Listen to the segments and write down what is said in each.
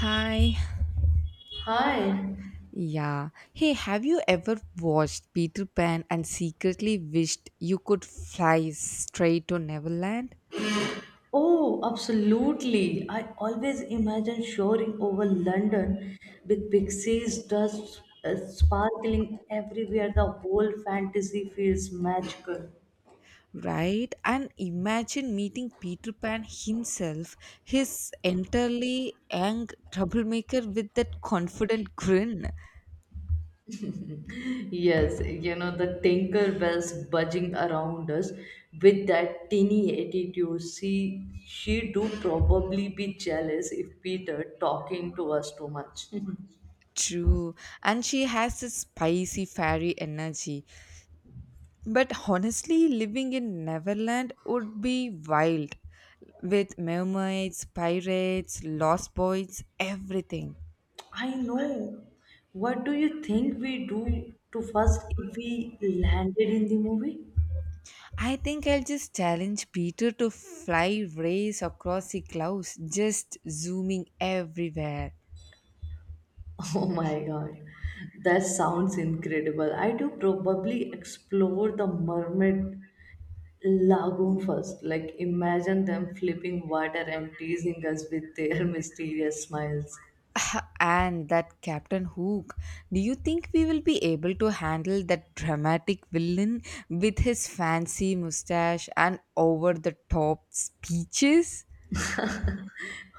Hi. Hi. Yeah. Hey, have you ever watched Peter Pan and secretly wished you could fly straight to Neverland? Oh, absolutely. I always imagine soaring over London with pixies, dust sparkling everywhere. The whole fantasy feels magical. Right? And imagine meeting Peter Pan himself, his entirely young troublemaker with that confident grin. Yes, you know, the tinker bells buzzing around us with that tinny attitude. She do probably be jealous if Peter talking to us too much. True. And she has this spicy fairy energy. But honestly, living in Neverland would be wild with mermaids, pirates, lost boys, everything. I know. What do you think we do to first if we landed in the movie? I think I'll just challenge Peter to fly race across the clouds, just zooming everywhere. Oh my god, that sounds incredible. I do probably explore the mermaid lagoon first. Like, imagine them flipping water and teasing us with their mysterious smiles. And that Captain Hook, do you think we will be able to handle that dramatic villain with his fancy mustache and over the top speeches?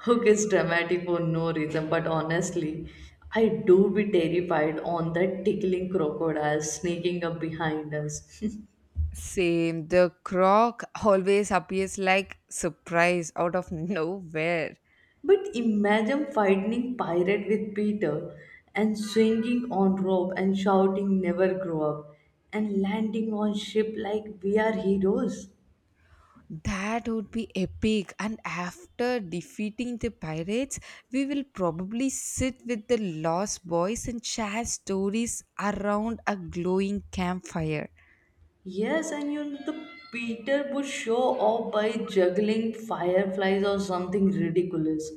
Hook is dramatic for no reason, but honestly, I do be terrified on that tickling crocodile sneaking up behind us. Same. The croc always appears like surprise out of nowhere. But imagine fighting pirate with Peter and swinging on rope and shouting never grow up and landing on ship like we are heroes. That would be epic. And after defeating the pirates, we will probably sit with the lost boys and share stories around a glowing campfire. Yes, and you know, the Peter would show off by juggling fireflies or something ridiculous.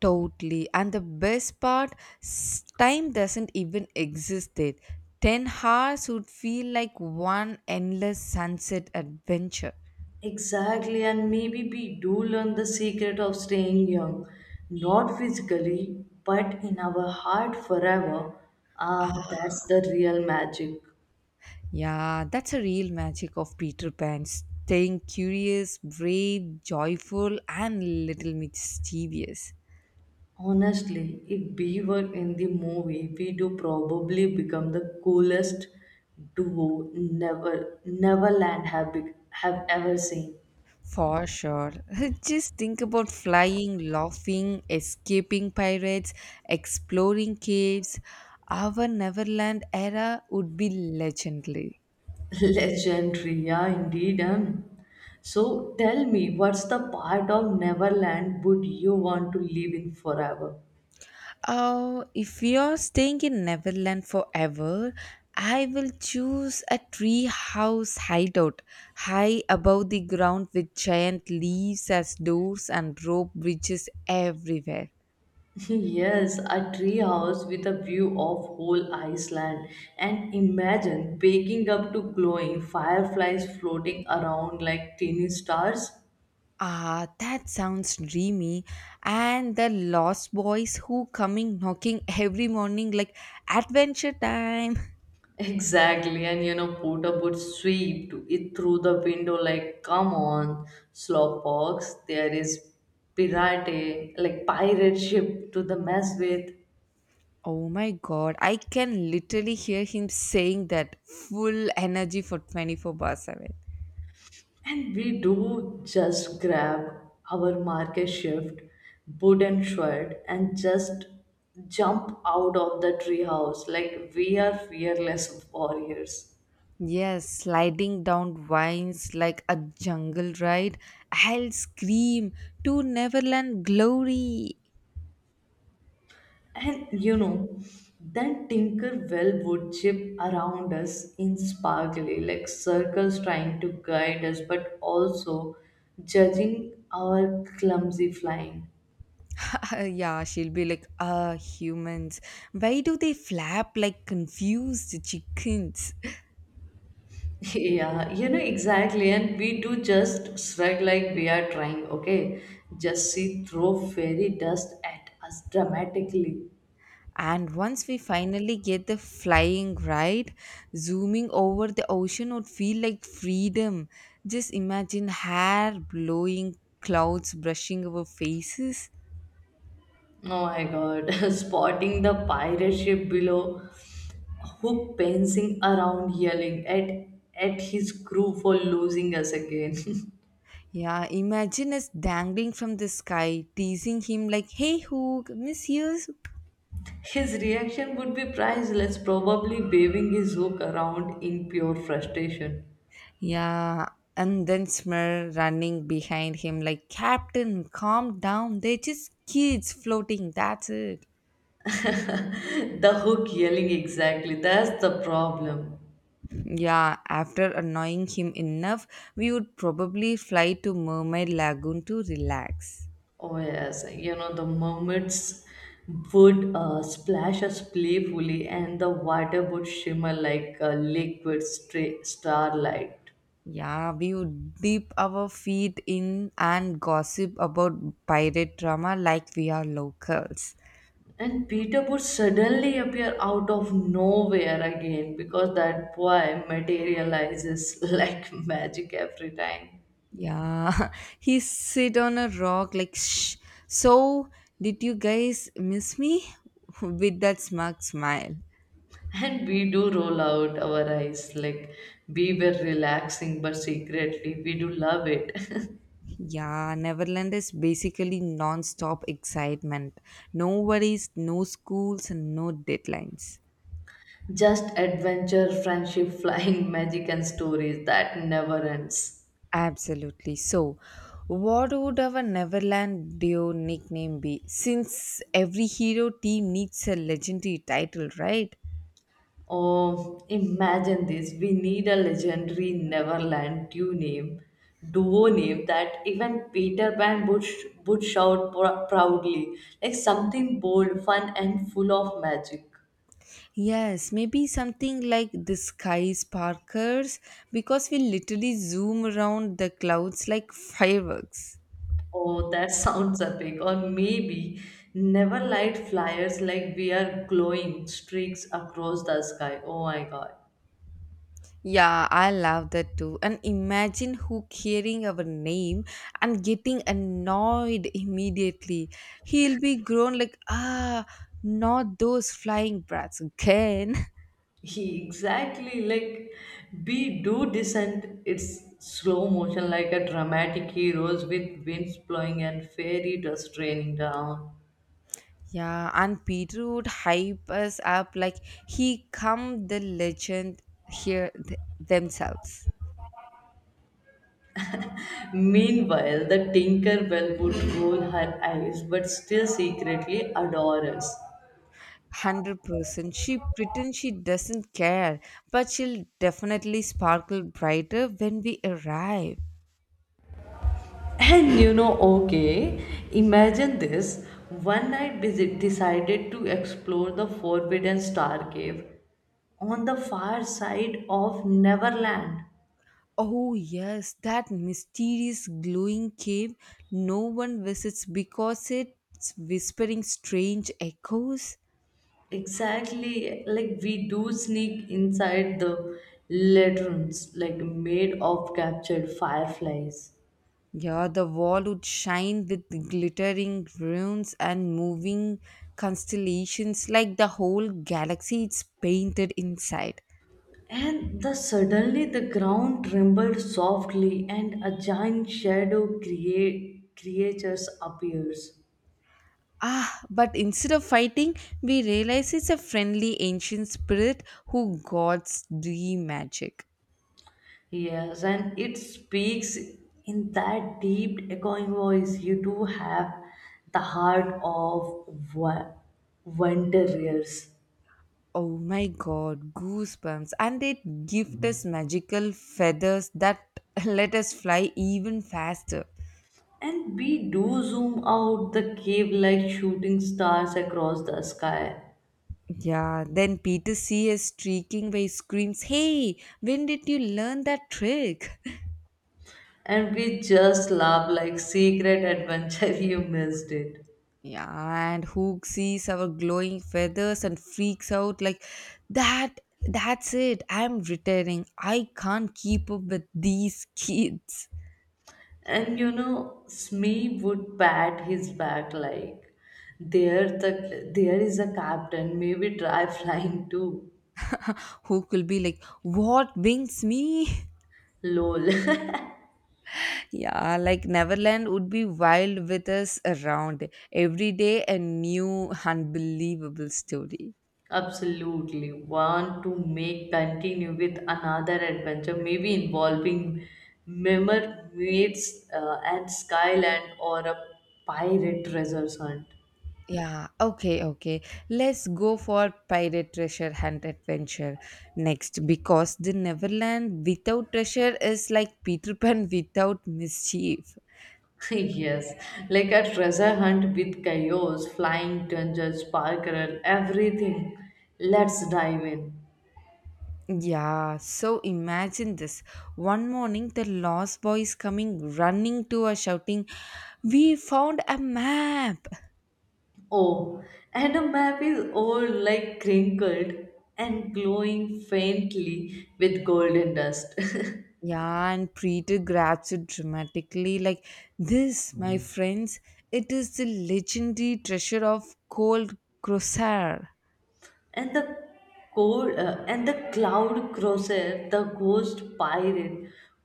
Totally. And the best part, time doesn't even exist there. 10 hours would feel like one endless sunset adventure. Exactly, and maybe we do learn the secret of staying young, not physically, but in our heart forever. Ah, that's the real magic. Yeah, that's a real magic of Peter Pan staying curious, brave, joyful, and little mischievous. Honestly, if we were in the movie, we do probably become the coolest duo never Neverland have bec have ever seen. For sure. Just think about flying, laughing, escaping pirates, exploring caves. Our Neverland era would be legendary. Legendary, yeah, indeed. So tell me, what's the part of Neverland would you want to live in forever? Oh, if you're staying in Neverland forever, I will choose a tree house hideout high above the ground with giant leaves as doors and rope bridges everywhere. Yes, a tree house with a view of whole Iceland and imagine waking up to glowing fireflies floating around like tiny stars. Ah, that sounds dreamy. And the lost boys who coming knocking every morning like adventure time. Exactly, and you know, Porter would sweep it through the window like, "Come on, slowpokes! There is pirate, like pirate ship to the mess with," Oh my god, I can literally hear him saying that full energy for 24 bars. and we do just grab our market shift, wooden shirt, and just jump out of the treehouse like we are fearless warriors. Yes, sliding down vines like a jungle ride. I'll scream to Neverland glory. And you know, then Tinkerbell would chip around us in sparkly, like circles trying to guide us, but also judging our clumsy flying. Yeah, she'll be like, ah, humans. Why do they flap like confused chickens? Yeah, you know exactly, and we do just shrug like we are trying, okay? Just see throw fairy dust at us dramatically. And once we finally get the flying ride, zooming over the ocean would feel like freedom. Just imagine hair blowing, clouds brushing our faces. Oh my god, spotting the pirate ship below who prancing around yelling at his crew for losing us again. Yeah, imagine us dangling from the sky, teasing him like, hey, Hook, miss you. His reaction would be priceless, probably waving his hook around in pure frustration. Yeah, and then Smir running behind him like, Captain, calm down. They're just kids floating. That's it. The hook yelling exactly, that's the problem. Yeah, after annoying him enough, we would probably fly to Mermaid Lagoon to relax. Oh yes, you know the mermaids would splash us playfully and the water would shimmer like a liquid starlight. Yeah, we would dip our feet in and gossip about pirate drama like we are locals. And Peter would suddenly appear out of nowhere again because that boy materializes like magic every time. Yeah, he sit on a rock like shh. So did you guys miss me? With that smug smile. And we do roll out our eyes like we were relaxing, but secretly we do love it. Yeah, Neverland is basically non-stop excitement. No worries, no schools and no deadlines. Just adventure, friendship, flying magic, and stories that never ends. Absolutely. So what would our Neverland duo nickname be? Since every hero team needs a legendary title, right? Oh, imagine this. We need a legendary Neverland duo name that even Peter Pan would shout proudly, like something bold, fun, and full of magic. Yes, maybe something like the sky sparkers because we literally zoom around the clouds like fireworks. Oh, that sounds epic. Or maybe Neverlight flyers like we are glowing streaks across the sky. Oh my god. Yeah, I love that too. And imagine who hearing our name and getting annoyed immediately. He'll be grown like, ah, not those flying brats again. He exactly like be do descent. It's slow motion like a dramatic heroes with winds blowing and fairy dust raining down. Yeah, and Peter would hype us up like he come the legend here themselves. Meanwhile, the Tinkerbell would roll her eyes but still secretly adore us. 100% she pretends she doesn't care, but she'll definitely sparkle brighter when we arrive. And you know, okay, imagine this. One night decided to explore the forbidden star cave on the far side of Neverland. Oh yes, that mysterious glowing cave no one visits because it's whispering strange echoes. Exactly, like we do sneak inside the latrines, like made of captured fireflies. Yeah, the wall would shine with glittering runes and moving constellations like the whole galaxy is painted inside. And the suddenly the ground trembled softly, and a giant shadow create creatures appears. Ah, but instead of fighting, we realize it's a friendly ancient spirit who guards the magic. Yes, and it speaks in that deep echoing voice. You do have the heart of wanderers. Oh my god, goosebumps. And it gift us magical feathers that let us fly even faster. And we do zoom out the cave like shooting stars across the sky. Yeah, then Peter sees us streaking by screams, hey, when did you learn that trick? And we just laugh like secret adventure you missed it. Yeah, and Hook sees our glowing feathers and freaks out like that. That's it. I'm retiring. I can't keep up with these kids. And you know, Smee would pat his back like there is a captain, maybe try flying too. Hook will be like, what wings me? Lol. Yeah, like Neverland would be wild with us around. Every day, a new unbelievable story. Absolutely. Want to make continue with another adventure, maybe involving mermaids and skyland or a pirate treasure hunt. Yeah, okay, okay. Let's go for pirate treasure hunt adventure next because the Neverland without treasure is like Peter Pan without mischief. Yes, like a treasure hunt with chaos, flying dungeons, parkour, everything. Let's dive in. Yeah, so imagine this. One morning, the lost boy is coming running to us, shouting, we found a map! Oh, and the map is all like crinkled and glowing faintly with golden dust. Yeah, and Peter grabs it dramatically, like, this, my friends, it is the legendary treasure of Gold Crosshair. And the cold and the cloud crosser the ghost pirate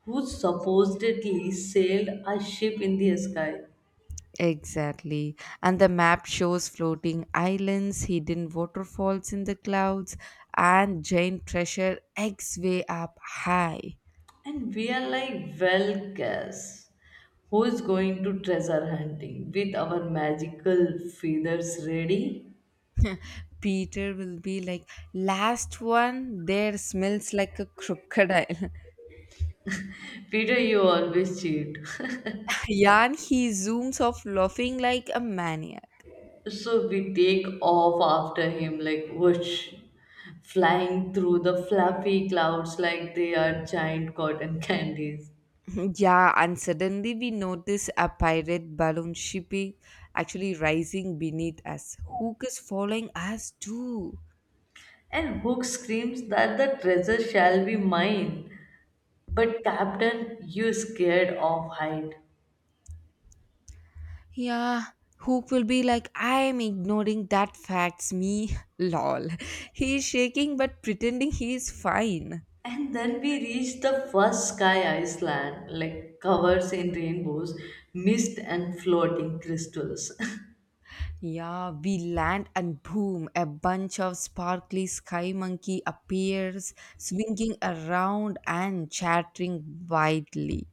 who supposedly sailed a ship in the sky Exactly. And the map shows floating islands, hidden waterfalls in the clouds, and giant treasure X way up high. and we are like well guess who is going to treasure hunting with our magical feathers ready Peter will be like, last one there smells like a crocodile. peter you always cheat Yan, he zooms off laughing like a maniac. so we take off after him like whoosh flying through the fluffy clouds like they are giant cotton candies. Yeah, and suddenly we notice a pirate balloon shipping actually rising beneath us. Hook is following us too. And Hook screams that the treasure shall be mine. But Captain, you scared of height. Yeah, Hook will be like, I am ignoring that facts, me, lol. He's shaking but pretending he is fine. And then we reach the first sky island, like covers in rainbows, mist and floating crystals. Yeah, we land and boom, a bunch of sparkly sky monkey appears, swinging around and chattering wildly.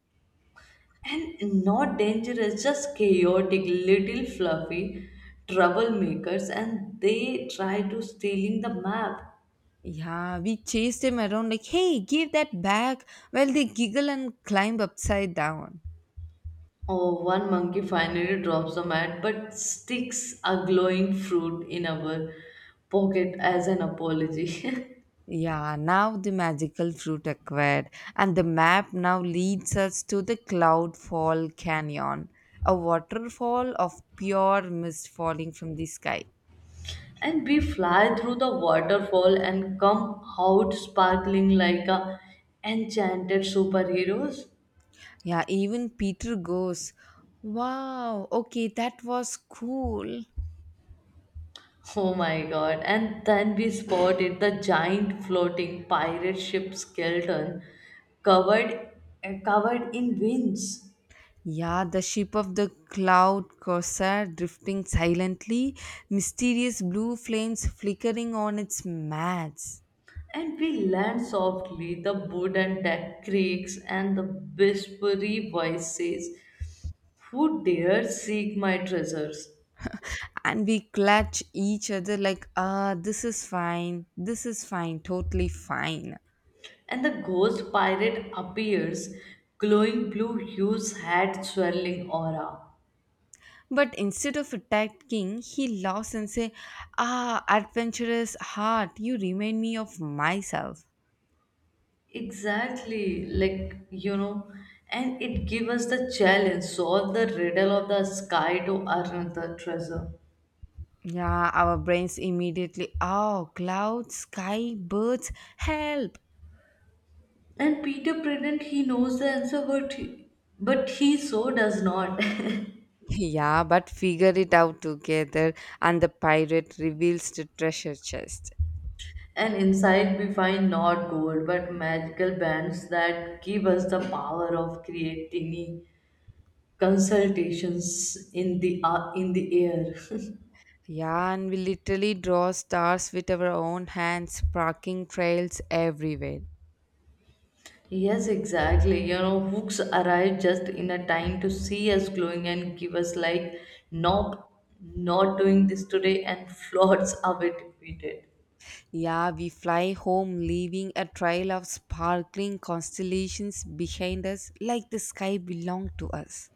And not dangerous, just chaotic, little fluffy troublemakers, and they try to stealing the map. Yeah, we chase them around like, hey, give that back, while they giggle and climb upside down. Oh, one monkey finally drops the mat but sticks a glowing fruit in our pocket as an apology. Yeah, now the magical fruit acquired, and the map now leads us to the Cloudfall Canyon, a waterfall of pure mist falling from the sky. And we fly through the waterfall and come out sparkling like a enchanted superheroes. Yeah, even Peter goes, wow, okay, that was cool. Oh my god. And then we spotted the giant floating pirate ship skeleton covered covered in winds. Yeah, the ship of the cloud corsair drifting silently, mysterious blue flames flickering on its match. And we land softly, the wooden deck creaks, and the whispery voice says, Who dares seek my treasures? And we clutch each other like ah, this is fine, this is fine, totally fine. And the ghost pirate appears, glowing blue hues hat, swirling aura. But instead of attacking, he laughs and say, ah, adventurous heart, you remind me of myself. Exactly, like you know, and it gives us the challenge, solve the riddle of the sky to earn the treasure. Yeah, our brains immediately, oh, clouds, sky, birds, help. And Peter pretend he knows the answer, but he so does not. Yeah, but figure it out together, and the pirate reveals the treasure chest. And inside we find not gold but magical bands that give us the power of creating consultations in the air. Yeah, and we literally draw stars with our own hands, sparking trails everywhere. Yes, exactly. You know, hooks arrive just in a time to see us glowing and give us like, nope, not doing this today, and floats away defeated. Yeah, we fly home, leaving a trail of sparkling constellations behind us, like the sky belonged to us.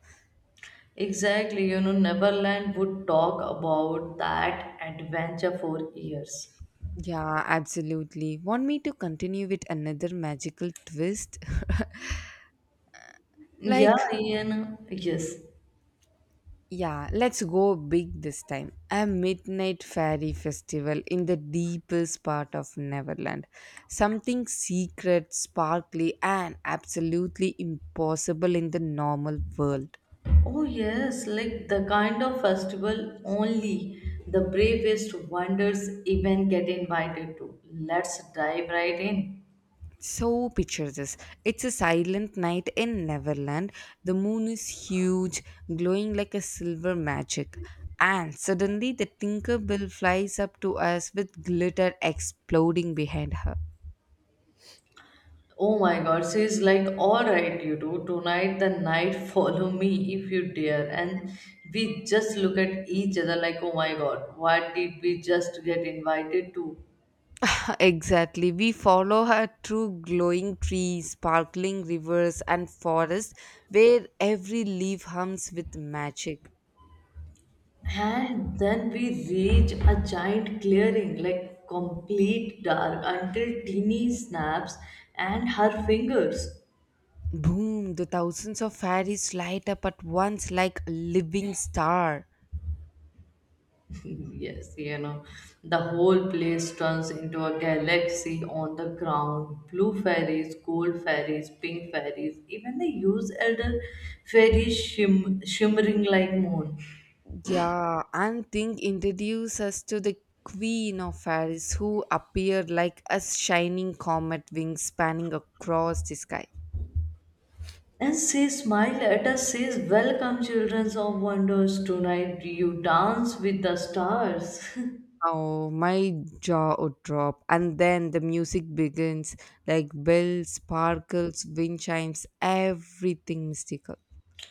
Exactly. You know, Neverland would talk about that adventure for years. Yeah, absolutely. Want me to continue with another magical twist? Yeah, Like, Ian. Yes. yeah, let's go big this time. A midnight fairy festival in the deepest part of Neverland. Something secret, sparkly, and absolutely impossible in the normal world. Oh, yes, like the kind of festival only the bravest wonders even get invited to. Let's dive right in. So, picture this, it's a silent night in Neverland. The moon is huge, glowing like a silver magic. And suddenly, the Tinkerbell flies up to us with glitter exploding behind her. Oh my god, she's like, alright, you do tonight the night, follow me if you dare. And we just look at each other like, oh my god, what did we just get invited to? Exactly. We follow her through glowing trees, sparkling rivers, and forests where every leaf hums with magic. And then we reach a giant clearing, like complete dark, until Teeny snaps and her fingers. Boom! The thousands of fairies light up at once like a living star. Yes, you know, the whole place turns into a galaxy on the ground. Blue fairies, gold fairies, pink fairies, even the use elder fairies shimmering like moon. Yeah, and Thing introduced us to the Queen of Fairies who appeared like a shining comet wing spanning across the sky. And she smiled at us, says, Welcome, children of wonders. Tonight you dance with the stars. Oh, my jaw would drop. And then the music begins like bells, sparkles, wind chimes, everything mystical.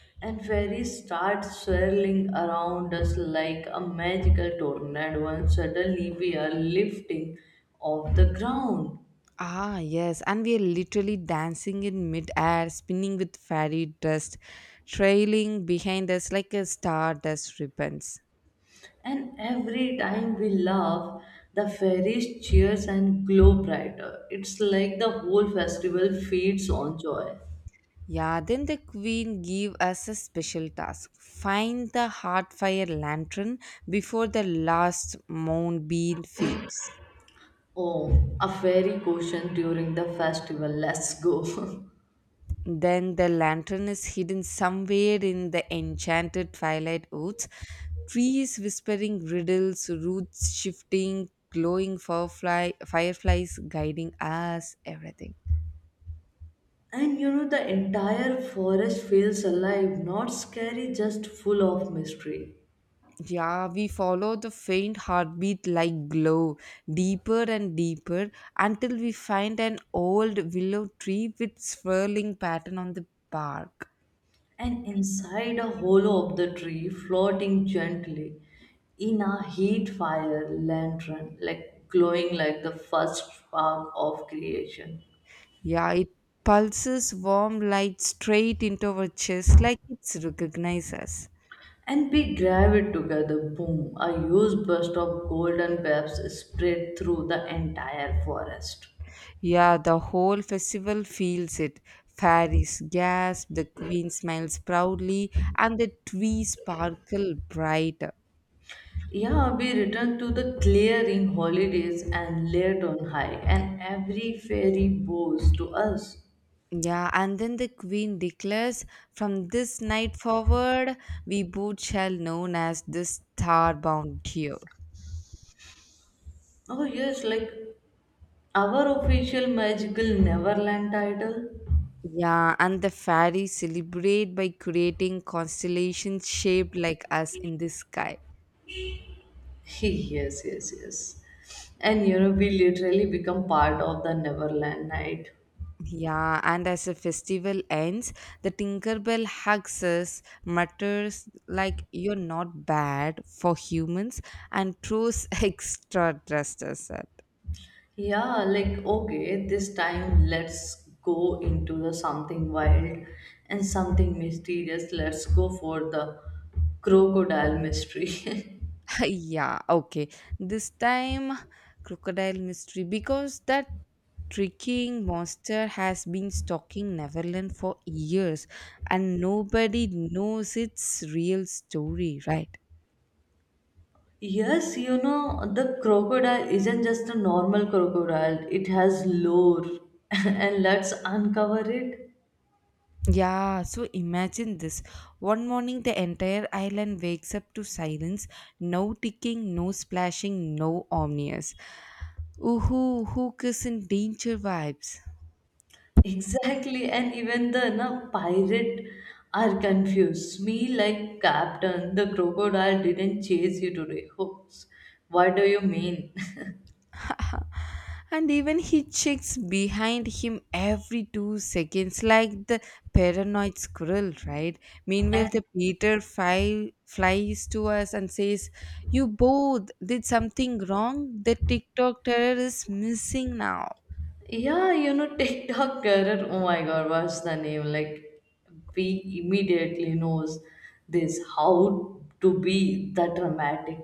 And fairies start swirling around us like a magical tornado, and suddenly we are lifting off the ground. Ah, yes. And we are literally dancing in midair, spinning with fairy dust, trailing behind us like a stardust ribbons. And every time we laugh, the fairies cheers and glow brighter. It's like the whole festival feeds on joy. Yeah, then the queen gave us a special task. Find the heart fire lantern before the last moonbeam fades. Oh, a fairy quotient during the festival. Let's go. Then the lantern is hidden somewhere in the enchanted twilight woods, trees whispering riddles, roots shifting, glowing firefly, fireflies guiding us, everything. And you know, the entire forest feels alive, not scary, just full of mystery. Yeah, we follow the faint heartbeat like glow, deeper and deeper, until we find an old willow tree with swirling pattern on the bark. And inside a hollow of the tree, floating gently in a heat fire lantern, like glowing like the first spark of creation. Yeah, it pulses warm light straight into our chest like it's recognizes us. And we drive it together. Boom! A huge burst of golden waves spread through the entire forest. Yeah, the whole festival feels it. Fairies gasp, the queen smiles proudly, and the trees sparkle brighter. Yeah, we returned to the clearing holidays and laid on high, and every fairy bows to us. Yeah, and then the queen declares, from this night forward, we both shall known as the star-bound trio. Oh, yes, like our official magical Neverland title. Yeah, and the fairies celebrate by creating constellations shaped like us in the sky. Yes, yes, yes. And you know, we literally become part of the Neverland night. Yeah, and as the festival ends, the Tinkerbell hugs us, mutters like you're not bad for humans, and throws extra thrusters at. Yeah, like okay, this time let's go into the something wild and something mysterious. Let's go for the crocodile mystery. Yeah, okay. This time, crocodile mystery because that tricking monster has been stalking Neverland for years, and nobody knows its real story, right? Yes, you know, the crocodile isn't just a normal crocodile, it has lore, and let's uncover it. Yeah, so imagine this. One morning, the entire island wakes up to silence, no ticking, no splashing, no omnius. Ooh, Hook is in danger vibes. Exactly, and even the na, pirate are confused. Me, like captain, the crocodile didn't chase you today. Oops, what do you mean? And even he checks behind him every 2 seconds, like the paranoid squirrel, right? Meanwhile, And the Peter flies to us and says, you both did something wrong. The TikTok terror is missing now. yeah, you know, TikTok career. Oh my god, what's the name? Like, we immediately knows this how to be the dramatic.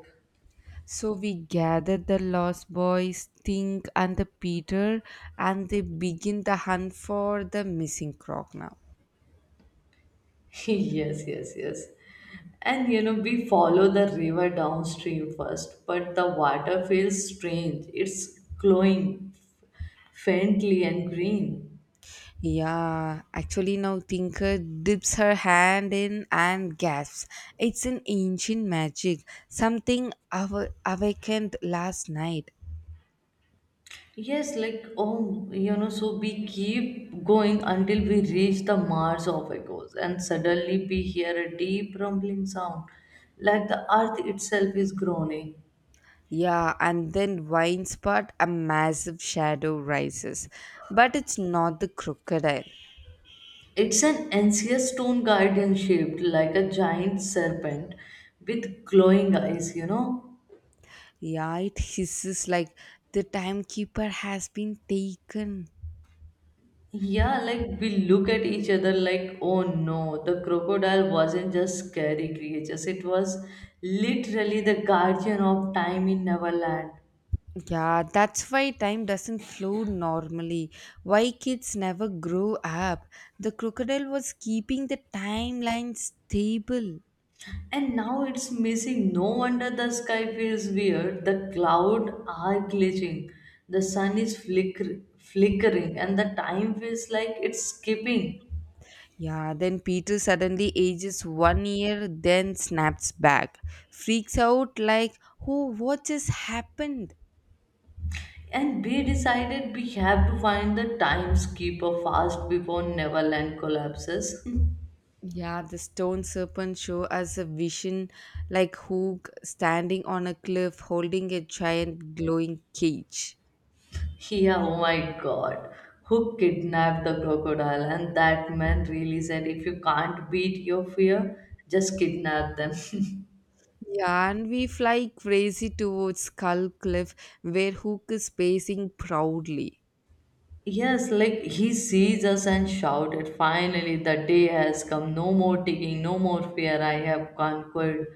So we gather the lost boys, Think, and the Peter, and they begin the hunt for the missing croc now. Yes, yes, yes. And you know, we follow the river downstream first, but the water feels strange. It's glowing faintly and green. Yeah, actually, now Tinker dips her hand in and gasps. It's an ancient magic, something awakened last night. Yes, like oh, you know, so we keep going until we reach the Mars of echoes, and suddenly we hear a deep rumbling sound, like the earth itself is groaning. Yeah, and then wine spot a massive shadow rises. But it's not the crocodile. It's an ancient stone garden shaped like a giant serpent with glowing eyes, you know. Yeah, it hisses like the timekeeper has been taken. Yeah, like we look at each other like, oh no, the crocodile wasn't just scary creatures, it was literally the guardian of time in Neverland. Yeah, that's why time doesn't flow normally. Why kids never grow up. The crocodile was keeping the timeline stable. And now it's missing. No wonder the sky feels weird. The clouds are glitching. The sun is flickering and the time feels like it's skipping. Yeah, then Peter suddenly ages 1 year, then snaps back. Freaks out like, oh, what just happened? And we decided we have to find the time skipper fast before Neverland collapses. Yeah, the stone serpent show us a vision like Hook standing on a cliff holding a giant glowing cage. Yeah, oh my god. Who kidnapped the crocodile? And that man really said if you can't beat your fear, just kidnap them. Yeah, and we fly crazy towards Skull Cliff, where Hook is pacing proudly. Yes, like he sees us and shouted, Finally, the day has come. No more ticking, no more fear.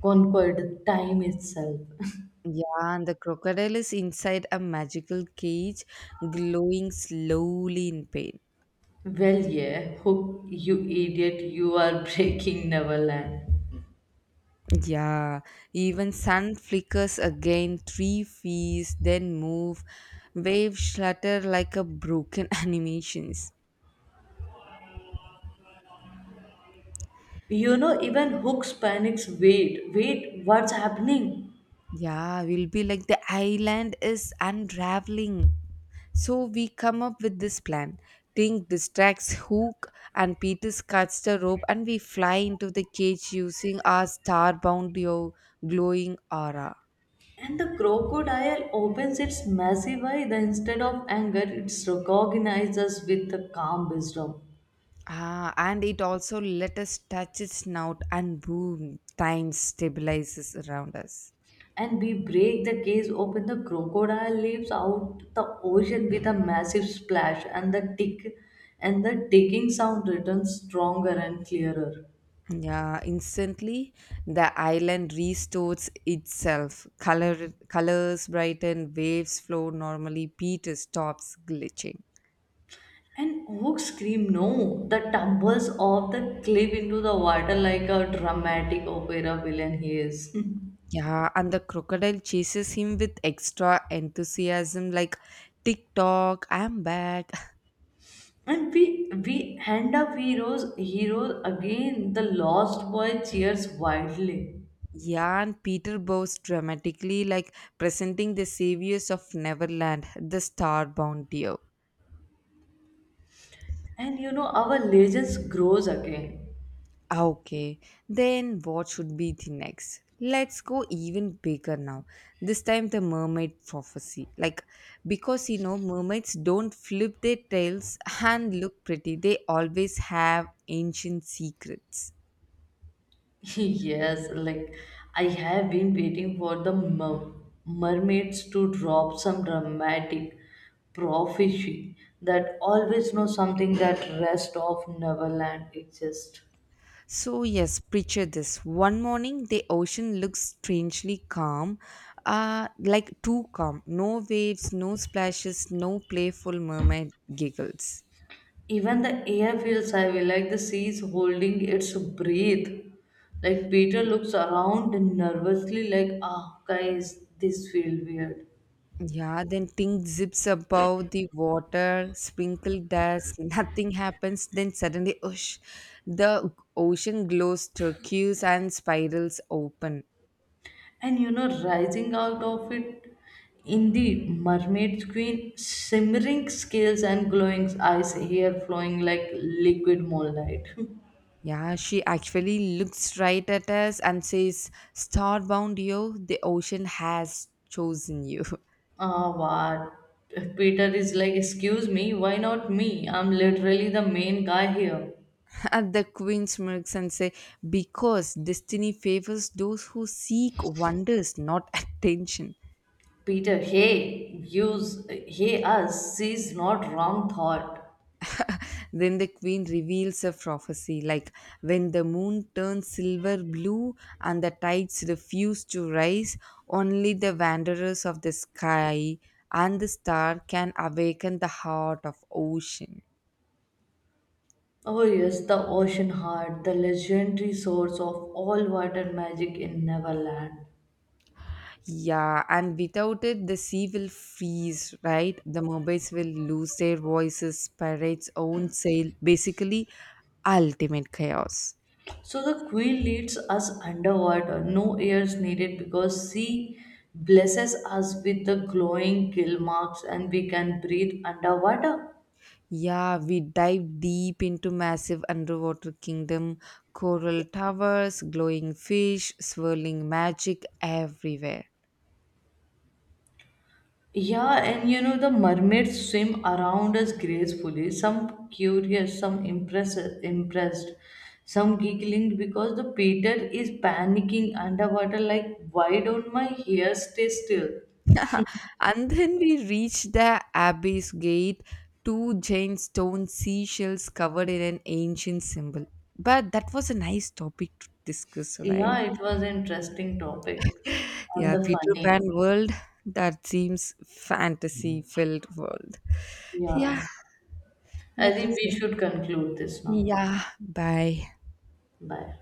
Conquered time itself. Yeah, and the crocodile is inside a magical cage, glowing slowly in pain. Well, yeah, Hook, you idiot, you are breaking Neverland. Yeah, even sun flickers again, 3 feet, then move, waves shlutter like a broken animations. You know, even Hook's panics. Wait, wait, what's happening? Yeah, we'll be like the island is unraveling. So we come up with this plan. Tink distracts Hook and Peter cuts the rope, and we fly into the cage using our starbound glowing aura. And the crocodile opens its massive eye. The instead of anger, it recognizes us with the calm wisdom. Ah, and it also let us touch its snout and boom, time stabilizes around us. And we break the case, open the crocodile leaps out the ocean with a massive splash and the ticking sound returns stronger and clearer. Yeah, instantly the island restores itself. Color, colors brighten, waves flow normally. Peter stops glitching. And oak scream no the tumbles off the cliff into the water like a dramatic opera villain he is. Yeah, and the crocodile chases him with extra enthusiasm, like tick tock, I'm back. And we end up heroes again. The lost boy cheers wildly Yeah, and Peter bows dramatically, like presenting the saviors of Neverland, the starbound deer. and you know our legends grows again. Ah, okay, then what should be the next? Let's go even bigger now. This time, the mermaid prophecy. Like, because you know, mermaids don't flip their tails and look pretty, they always have ancient secrets. Yes, like I have been waiting for the mermaids to drop some dramatic prophecy that always know something that rest of Neverland exists. So, yes, picture this. One morning, the ocean looks strangely calm, like too calm. No waves, no splashes, no playful mermaid giggles. Even the air feels heavy, like the sea is holding its breath. Like Peter looks around nervously, like, ah, guys, this feels weird. Yeah, then pink zips above the water, sprinkle dust, nothing happens. Then suddenly, whoosh, the ocean glows turquoise and spirals open. And you know, rising out of it, indeed, mermaid queen, shimmering scales and glowing eyes, hair flowing like liquid moonlight. Yeah, she actually looks right at us and says, Starbound yo, the ocean has chosen you. Ah, what? Peter is like, excuse me, why not me? I'm literally the main guy here. And the queen smirks and say, because destiny favors those who seek wonders, not attention. Peter, hey, use, hey us, she's not wrong thought. Then the queen reveals a prophecy like when the moon turns silver blue and the tides refuse to rise, only the wanderers of the sky and the star can awaken the heart of ocean. Oh yes, the ocean heart, the legendary source of all water magic in Neverland. Yeah, and without it, the sea will freeze, right? The mobiles will lose their voices, pirates own sail, basically, ultimate chaos. So the Queen leads us underwater. No air is needed because she blesses us with the glowing gill marks and we can breathe underwater. Yeah, we dive deep into massive underwater kingdom, coral towers, glowing fish, swirling magic everywhere. Yeah, and you know, the mermaids swim around us gracefully, some curious, some impressed, some giggling because the Peter is panicking underwater like, why don't my hair stay still? And then we reach the abyss gate, two giant stone seashells covered in an ancient symbol. But that was a nice topic to discuss, right? Yeah, it was an interesting topic and Yeah, the Peter funny. Pan world that seems fantasy filled world. Yeah, Yeah. let I think us. we Just. should conclude this now. Yeah, bye. Bye.